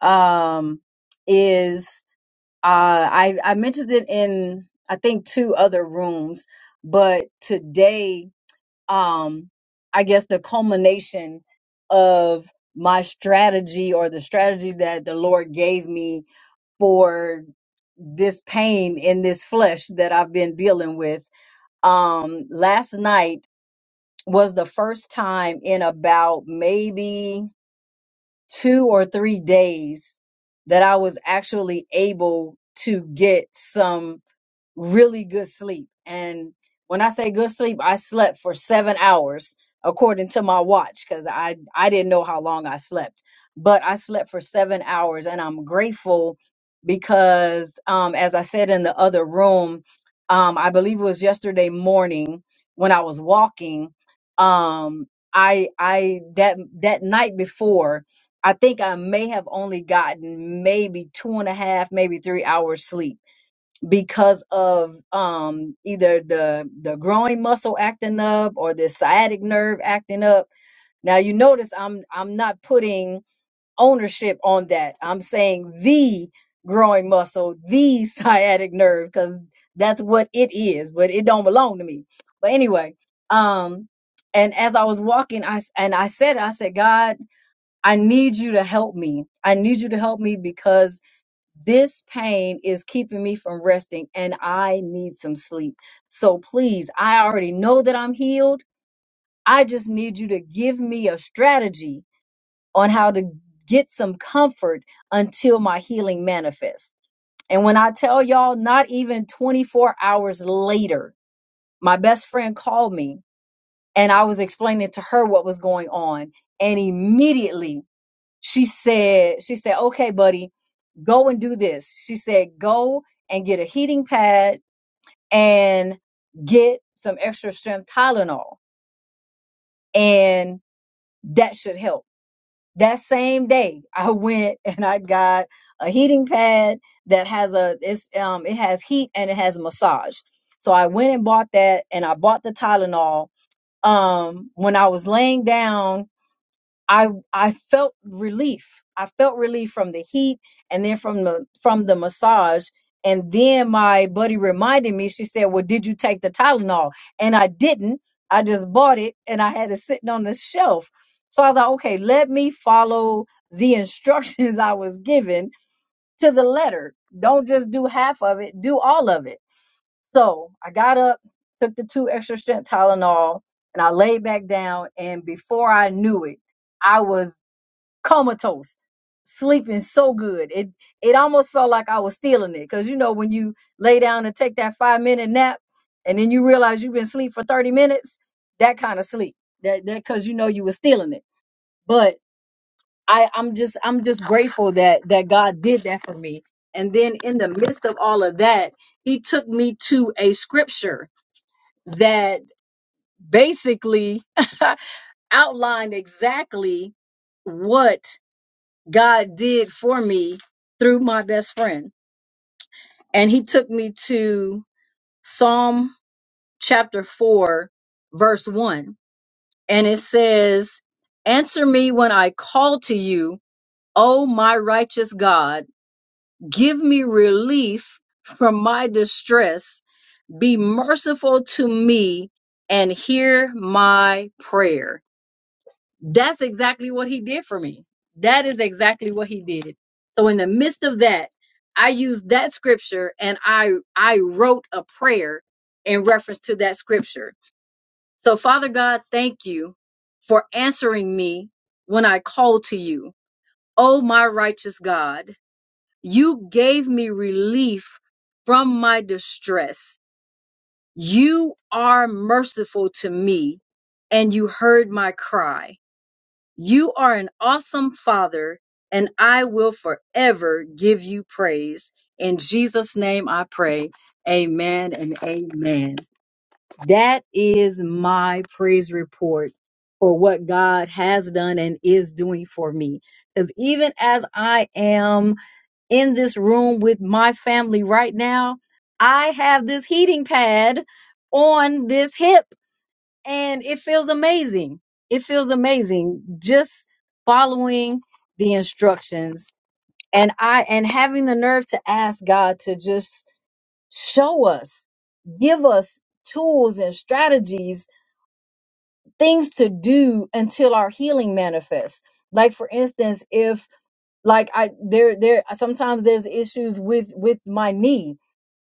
[SPEAKER 1] um, is, uh, I, I mentioned it in, I think two other rooms, but today, um, I guess the culmination of my strategy or the strategy that the Lord gave me for this pain in this flesh that I've been dealing with Um, last night was the first time in about maybe two or three days that I was actually able to get some really good sleep. And when I say good sleep, I slept for seven hours according to my watch because I, I didn't know how long I slept. But I slept for seven hours and I'm grateful because, um, as I said in the other room, um, I believe it was yesterday morning when I was walking. Um, I, I, that, that night before, I think I may have only gotten maybe two and a half, maybe three hours sleep because of um, either the the groin muscle acting up or the sciatic nerve acting up. Now you notice I'm I'm not putting ownership on that. I'm saying the groin muscle, the sciatic nerve, because that's what it is, but it don't belong to me. But anyway, um, and as I was walking, I s- and I said, I said, God, I need you to help me. I need you to help me because this pain is keeping me from resting and I need some sleep. So please, I already know that I'm healed. I just need you to give me a strategy on how to get some comfort until my healing manifests. And when I tell y'all, not even 24 hours later, my best friend called me and I was explaining to her what was going on. And immediately she said, she said, okay, buddy, Go and do this. She said, go and get a heating pad and get some extra strength Tylenol. And that should help. That same day, I went and I got a heating pad that has a it's um it has heat and it has massage. So I went and bought that and I bought the Tylenol. Um when I was laying down I I felt relief. I felt relief from the heat and then from the from the massage. And then my buddy reminded me, she said, Well, did you take the Tylenol? And I didn't. I just bought it and I had it sitting on the shelf. So I was like, okay, let me follow the instructions I was given to the letter. Don't just do half of it, do all of it. So I got up, took the two extra strength Tylenol, and I laid back down. And before I knew it, I was comatose, sleeping so good. It it almost felt like I was stealing it because you know when you lay down and take that five minute nap, and then you realize you've been asleep for thirty minutes. That kind of sleep. That that because you know you were stealing it. But I I'm just I'm just grateful that that God did that for me. And then in the midst of all of that, He took me to a scripture that basically outlined exactly what God did for me through my best friend. And he took me to Psalm chapter 4, verse 1. And it says, Answer me when I call to you, O my righteous God. Give me relief from my distress. Be merciful to me and hear my prayer. That's exactly what he did for me. That is exactly what he did. So in the midst of that, I used that scripture and I I wrote a prayer in reference to that scripture. So Father God, thank you for answering me when I called to you. Oh my righteous God, you gave me relief from my distress. You are merciful to me and you heard my cry. You are an awesome father, and I will forever give you praise. In Jesus' name I pray. Amen and amen. That is my praise report for what God has done and is doing for me. Because even as I am in this room with my family right now, I have this heating pad on this hip and it feels amazing. It feels amazing just following the instructions and I and having the nerve to ask God to just show us, give us tools and strategies, things to do until our healing manifests. Like for instance, if like I there there sometimes there's issues with with my knee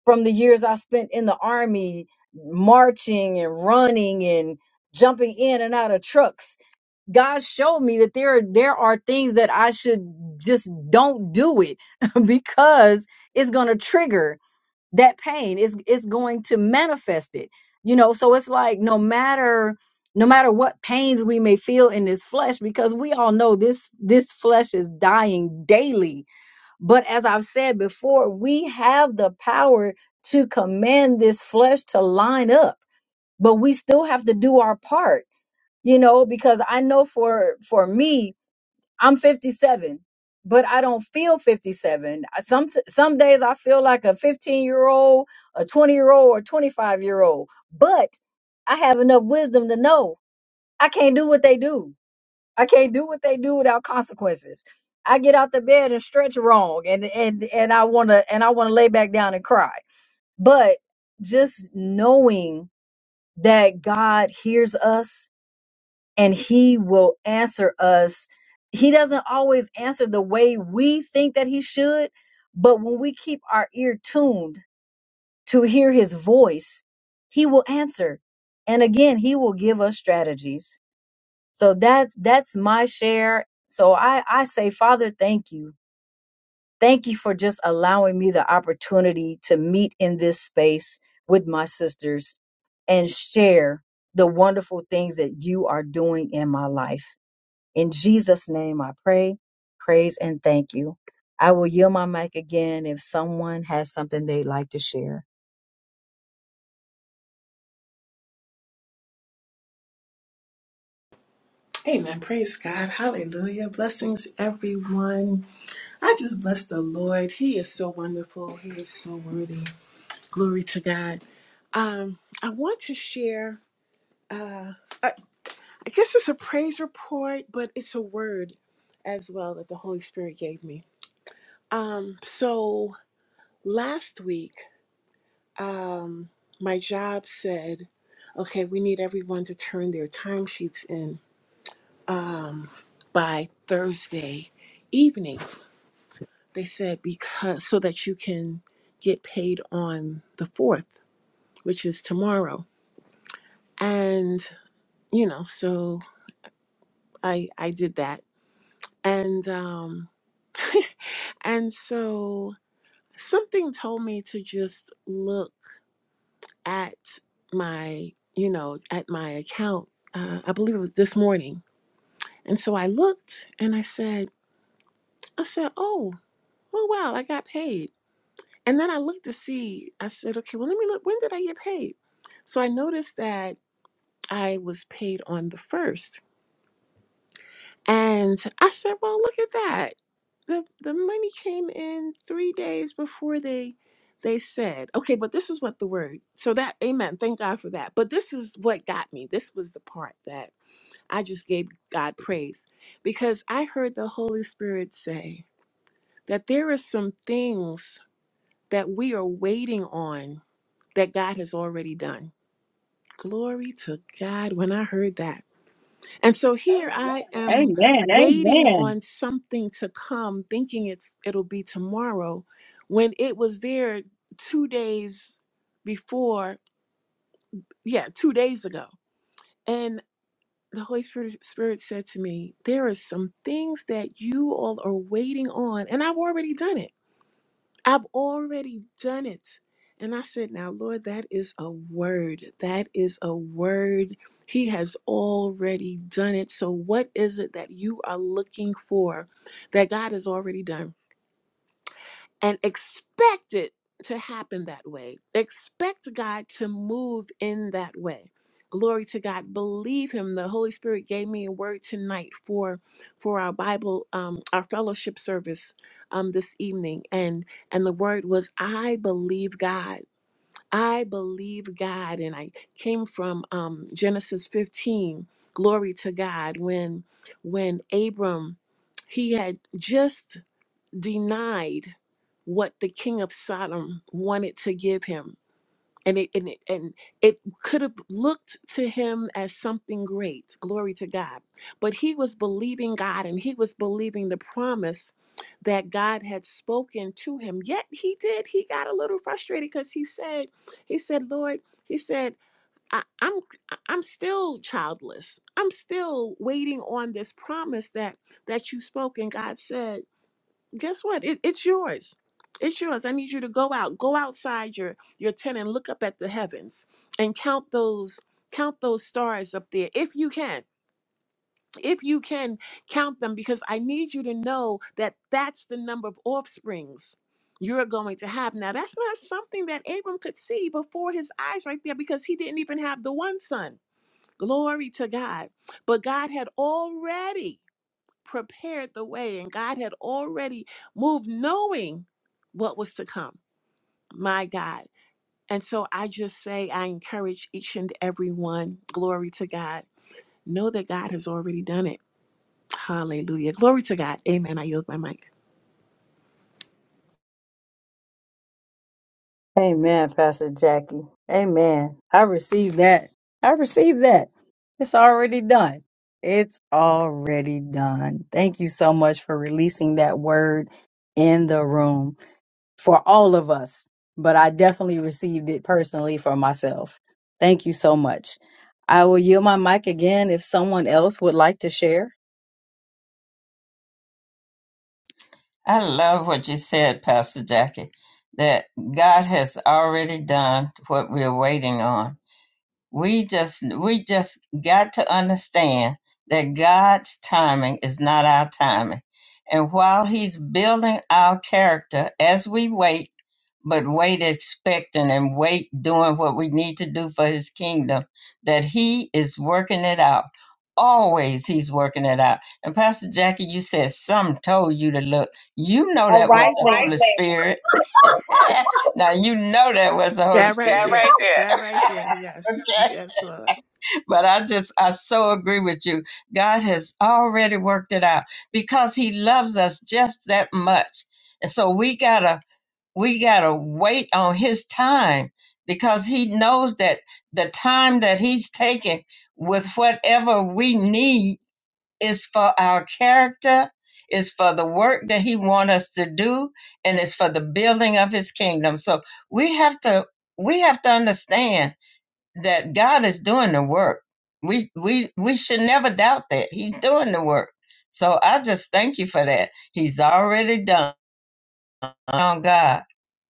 [SPEAKER 1] from the years I spent in the army marching and running and jumping in and out of trucks God showed me that there are, there are things that I should just don't do it because it's going to trigger that pain. It's it's going to manifest it. You know, so it's like no matter no matter what pains we may feel in this flesh because we all know this this flesh is dying daily. But as I've said before, we have the power to command this flesh to line up, but we still have to do our part you know because i know for for me i'm 57 but i don't feel 57 I- some some days i feel like a 15 year old a 20 year old or 25 year old but i have enough wisdom to know i can't do what they do i can't do what they do without consequences i get out the bed and stretch wrong and and and i want to and i want to lay back down and cry but just knowing that god hears us and he will answer us. He doesn't always answer the way we think that he should, but when we keep our ear tuned to hear his voice, he will answer. And again, he will give us strategies. So that's that's my share. So I I say, Father, thank you. Thank you for just allowing me the opportunity to meet in this space with my sisters and share the wonderful things that you are doing in my life. In Jesus' name, I pray, praise, and thank you. I will yield my mic again if someone has something they'd like to share.
[SPEAKER 7] Amen. Praise God. Hallelujah. Blessings, everyone. I just bless the Lord. He is so wonderful. He is so worthy. Glory to God. Um, I want to share, uh, I, I guess it's a praise report, but it's a word as well that the Holy Spirit gave me. Um, so last week, my job said, okay, we need everyone to turn their timesheets in by Thursday evening. They said because so that you can get paid on the 4th, which is tomorrow. And you know, so I I did that. And um and so something told me to just look at my, you know, at my account. Uh, I believe it was this morning. And so I looked and I said, I said, "Oh, oh wow, I got paid." And then I looked to see, I said, okay, well, let me look, when did I get paid? So I noticed that I was paid on the first. And I said, Well, look at that. The the money came in three days before they they said. Okay, but this is what the word so that amen. Thank God for that. But this is what got me. This was the part that I just gave God praise. Because I heard the Holy Spirit say that there are some things that we are waiting on that God has already done. Glory to God when I heard that. And so here I am
[SPEAKER 1] Amen.
[SPEAKER 7] waiting
[SPEAKER 1] Amen.
[SPEAKER 7] on something to come, thinking it's it'll be tomorrow, when it was there two days before, yeah, two days ago. And the Holy Spirit, Spirit said to me, There are some things that you all are waiting on, and I've already done it. I've already done it. And I said, Now, Lord, that is a word. That is a word. He has already done it. So, what is it that you are looking for that God has already done? and expect it to happen that way. Expect God to move in that way. Glory to God. Believe Him. The Holy Spirit gave me a word tonight for for our Bible, um, our fellowship service um, this evening, and and the word was, "I believe God. I believe God." And I came from um, Genesis 15. Glory to God. When when Abram he had just denied what the king of Sodom wanted to give him. And it, and it and it could have looked to him as something great, glory to God. But he was believing God and he was believing the promise that God had spoken to him. Yet he did, he got a little frustrated because he said, he said, Lord, he said, I, I'm I'm still childless. I'm still waiting on this promise that that you spoke. And God said, guess what? It, it's yours. It's yours. I need you to go out, go outside your your tent and look up at the heavens and count those count those stars up there if you can. If you can count them because I need you to know that that's the number of offsprings you're going to have. Now, that's not something that Abram could see before his eyes right there because he didn't even have the one son. Glory to God. But God had already prepared the way and God had already moved knowing what was to come. My God. And so I just say, I encourage each and every one, glory to God. Know that God has already done it. Hallelujah. Glory to God. Amen. I yield my mic.
[SPEAKER 1] Amen, Pastor Jackie. Amen. I received that. I received that. It's already done. It's already done. Thank you so much for releasing that word in the room. for all of us, but I definitely received it personally for myself. Thank you so much. I will yield my mic again if someone else would like to share.
[SPEAKER 3] I love what you said, Pastor Jackie, that God has already done what we're waiting on. We just we just got to understand that God's timing is not our timing. And while he's building our character as we wait but wait expecting and wait doing what we need to do for his kingdom that he is working it out always he's working it out and pastor jackie you said some told you to look you know that was the Right holy there. spirit now you know that was the holy That
[SPEAKER 7] That right
[SPEAKER 3] spirit right
[SPEAKER 7] there.
[SPEAKER 3] there.
[SPEAKER 7] That right there. Yes.
[SPEAKER 3] okay
[SPEAKER 7] Yes, Lord.
[SPEAKER 3] but i just i so agree with you god has already worked it out because he loves us just that much and so we gotta we got to wait on his time because he knows that the time that he's taking with whatever we need is for our character is for the work that he wants us to do and is for the building of his kingdom so we have to we have to understand that god is doing the work we we we should never doubt that he's doing the work so i just thank you for that he's already done on God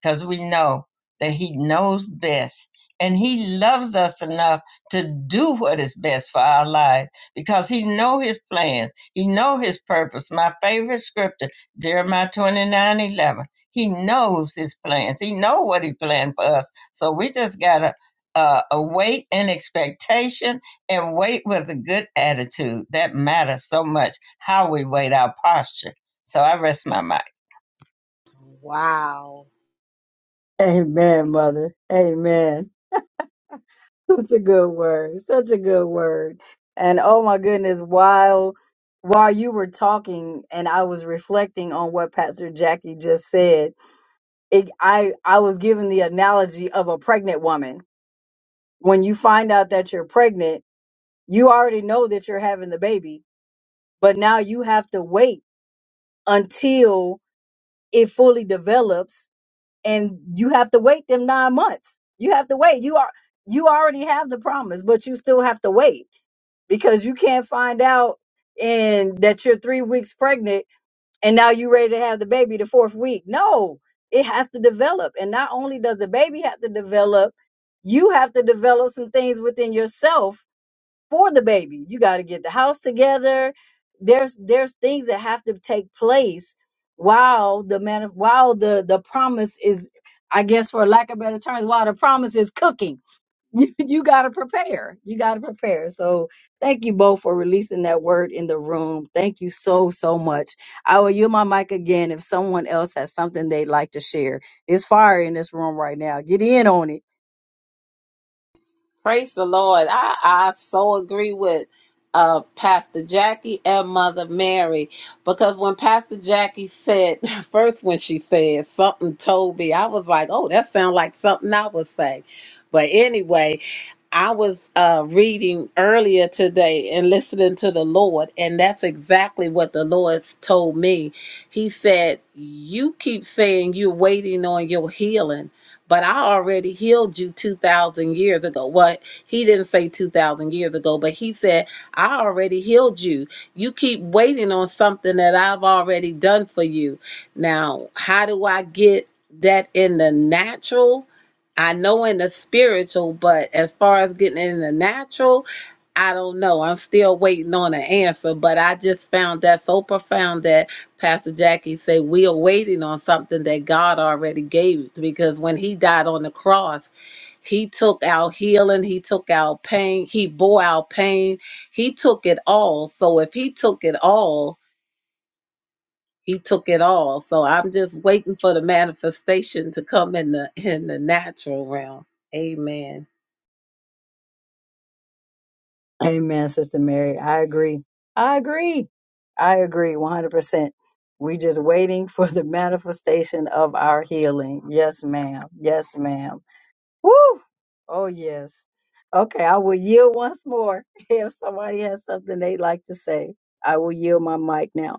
[SPEAKER 3] because we know that He knows best and He loves us enough to do what is best for our lives because He know His plan. He know His purpose. My favorite scripture, Jeremiah 29 11. He knows His plans. He know what He planned for us. So we just got to uh, await in expectation and wait with a good attitude. That matters so much, how we wait our posture. So I rest my mic.
[SPEAKER 4] Wow.
[SPEAKER 1] Amen, mother. Amen. Such a good word. Such a good word. And oh my goodness, while while you were talking and I was reflecting on what Pastor Jackie just said, it, I I was given the analogy of a pregnant woman. When you find out that you're pregnant, you already know that you're having the baby, but now you have to wait until it fully develops and you have to wait them nine months you have to wait you are you already have the promise but you still have to wait because you can't find out and that you're three weeks pregnant and now you're ready to have the baby the fourth week no it has to develop and not only does the baby have to develop you have to develop some things within yourself for the baby. You got to get the house together. There's there's things that have to take place while the man while the the promise is I guess for lack of better terms while the promise is cooking. You you got to prepare. You got to prepare. So thank you both for releasing that word in the room. Thank you so so much. I will yield my mic again if someone else has something they'd like to share. It's fire in this room right now. Get in on it.
[SPEAKER 4] Praise the Lord. I, I so agree with uh, Pastor Jackie and Mother Mary because when Pastor Jackie said, first when she said something told me, I was like, oh, that sounds like something I would say. But anyway, I was uh, reading earlier today and listening to the Lord, and that's exactly what the Lord told me. He said, You keep saying you're waiting on your healing, but I already healed you 2,000 years ago. What? He didn't say 2,000 years ago, but he said, I already healed you. You keep waiting on something that I've already done for you. Now, how do I get that in the natural? I know in the spiritual, but as far as getting it in the natural, I don't know. I'm still waiting on an answer, but I just found that so profound that Pastor Jackie said we are waiting on something that God already gave because when he died on the cross, he took our healing, he took our pain, he bore our pain, he took it all. So if he took it all, he took it all. So I'm just waiting for the manifestation to come in the in the natural realm. Amen.
[SPEAKER 1] Amen, Sister Mary. I agree. I agree. I agree 100%. We just waiting for the manifestation of our healing. Yes, ma'am. Yes, ma'am. Woo! Oh, yes. Okay, I will yield once more if somebody has something they'd like to say. I will yield my mic now.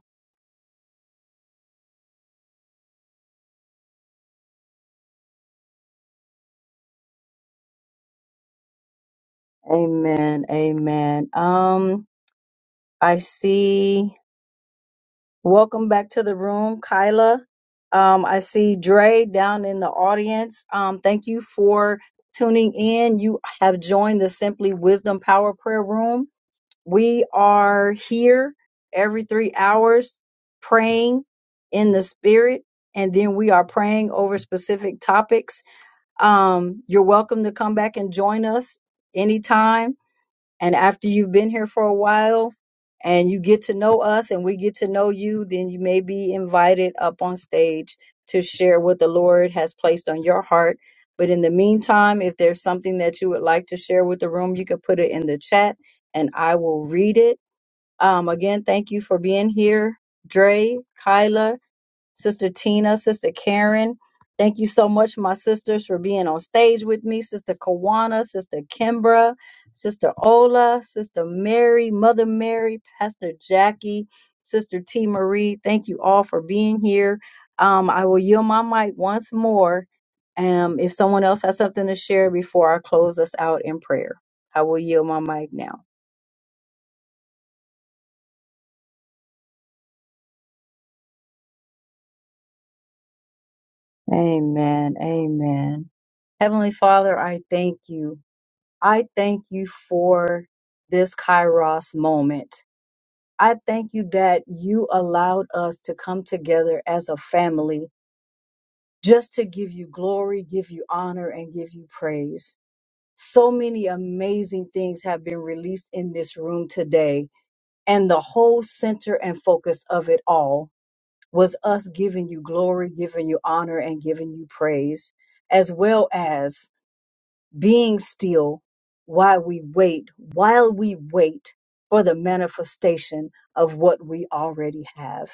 [SPEAKER 1] Amen. Amen. Um, I see. Welcome back to the room, Kyla. Um, I see Dre down in the audience. Um, thank you for tuning in. You have joined the Simply Wisdom Power Prayer Room. We are here every three hours praying in the spirit, and then we are praying over specific topics. Um, you're welcome to come back and join us anytime and after you've been here for a while and you get to know us and we get to know you, then you may be invited up on stage to share what the Lord has placed on your heart. But in the meantime, if there's something that you would like to share with the room, you can put it in the chat and I will read it. Um, again, thank you for being here, Dre, Kyla. Sister Tina, Sister Karen. Thank you so much, my sisters, for being on stage with me. Sister Kawana, Sister Kimbra, Sister Ola, Sister Mary, Mother Mary, Pastor Jackie, Sister T. Marie. Thank you all for being here. Um, I will yield my mic once more. Um, if someone else has something to share before I close us out in prayer, I will yield my mic now. Amen. Amen. Heavenly Father, I thank you. I thank you for this Kairos moment. I thank you that you allowed us to come together as a family just to give you glory, give you honor, and give you praise. So many amazing things have been released in this room today, and the whole center and focus of it all was us giving you glory, giving you honor, and giving you praise, as well as being still while we wait, while we wait for the manifestation of what we already have.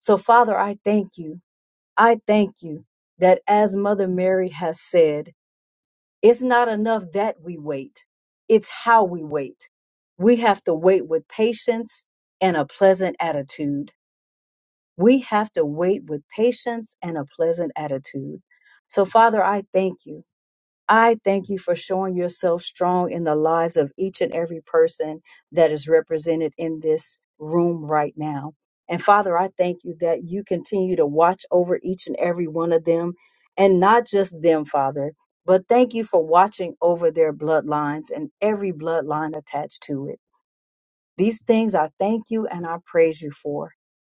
[SPEAKER 1] So, Father, I thank you. I thank you that as Mother Mary has said, it's not enough that we wait, it's how we wait. We have to wait with patience and a pleasant attitude. We have to wait with patience and a pleasant attitude. So, Father, I thank you. I thank you for showing yourself strong in the lives of each and every person that is represented in this room right now. And Father, I thank you that you continue to watch over each and every one of them and not just them, Father, but thank you for watching over their bloodlines and every bloodline attached to it. These things I thank you and I praise you for.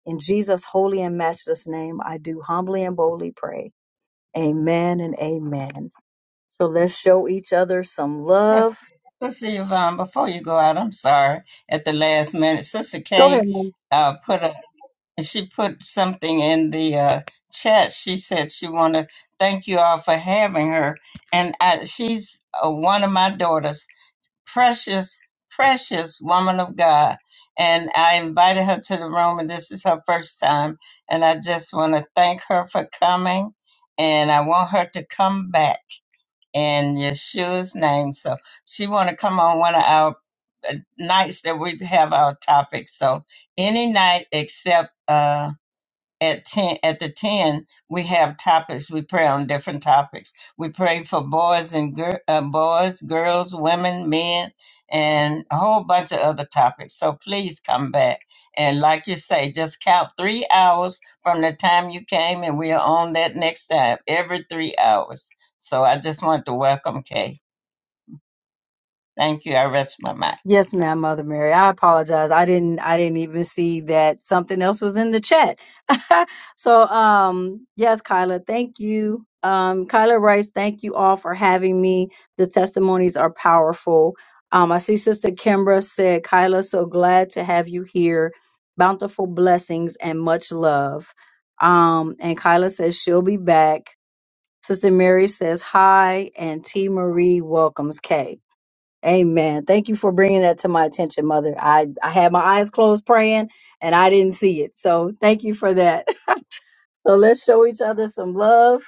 [SPEAKER 1] In Jesus' holy and matchless name, I do humbly and boldly pray. Amen and amen. So let's show each other some love.
[SPEAKER 3] Sister Yvonne, before you go out, I'm sorry at the last minute. Sister
[SPEAKER 1] Go
[SPEAKER 3] Kay
[SPEAKER 1] ahead, ma'am.
[SPEAKER 3] uh, put a she put something in the uh, chat. She said she want to thank you all for having her, and I, she's uh, one of my daughters, precious, precious woman of God. And I invited her to the room, and this is her first time. And I just want to thank her for coming, and I want her to come back in Yeshua's name. So she want to come on one of our uh, nights that we have our topics. So any night except uh at 10 at the 10 we have topics we pray on different topics we pray for boys and gir- uh, boys girls women men and a whole bunch of other topics so please come back and like you say just count three hours from the time you came and we are on that next time every three hours so i just want to welcome kay thank you i rest my mind
[SPEAKER 1] Yes, ma'am, Mother Mary. I apologize. I didn't I didn't even see that something else was in the chat. so um yes, Kyla, thank you. Um Kyla writes, thank you all for having me. The testimonies are powerful. Um, I see Sister Kimbra said, Kyla, so glad to have you here. Bountiful blessings and much love. Um, and Kyla says she'll be back. Sister Mary says hi, and T. Marie welcomes Kay. Amen. Thank you for bringing that to my attention, Mother. I, I had my eyes closed praying and I didn't see it. So thank you for that. So let's show each other some love.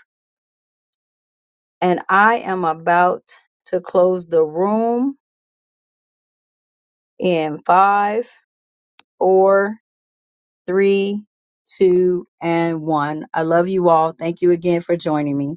[SPEAKER 1] And I am about to close the room in five, four, three, two, and one. I love you all. Thank you again for joining me.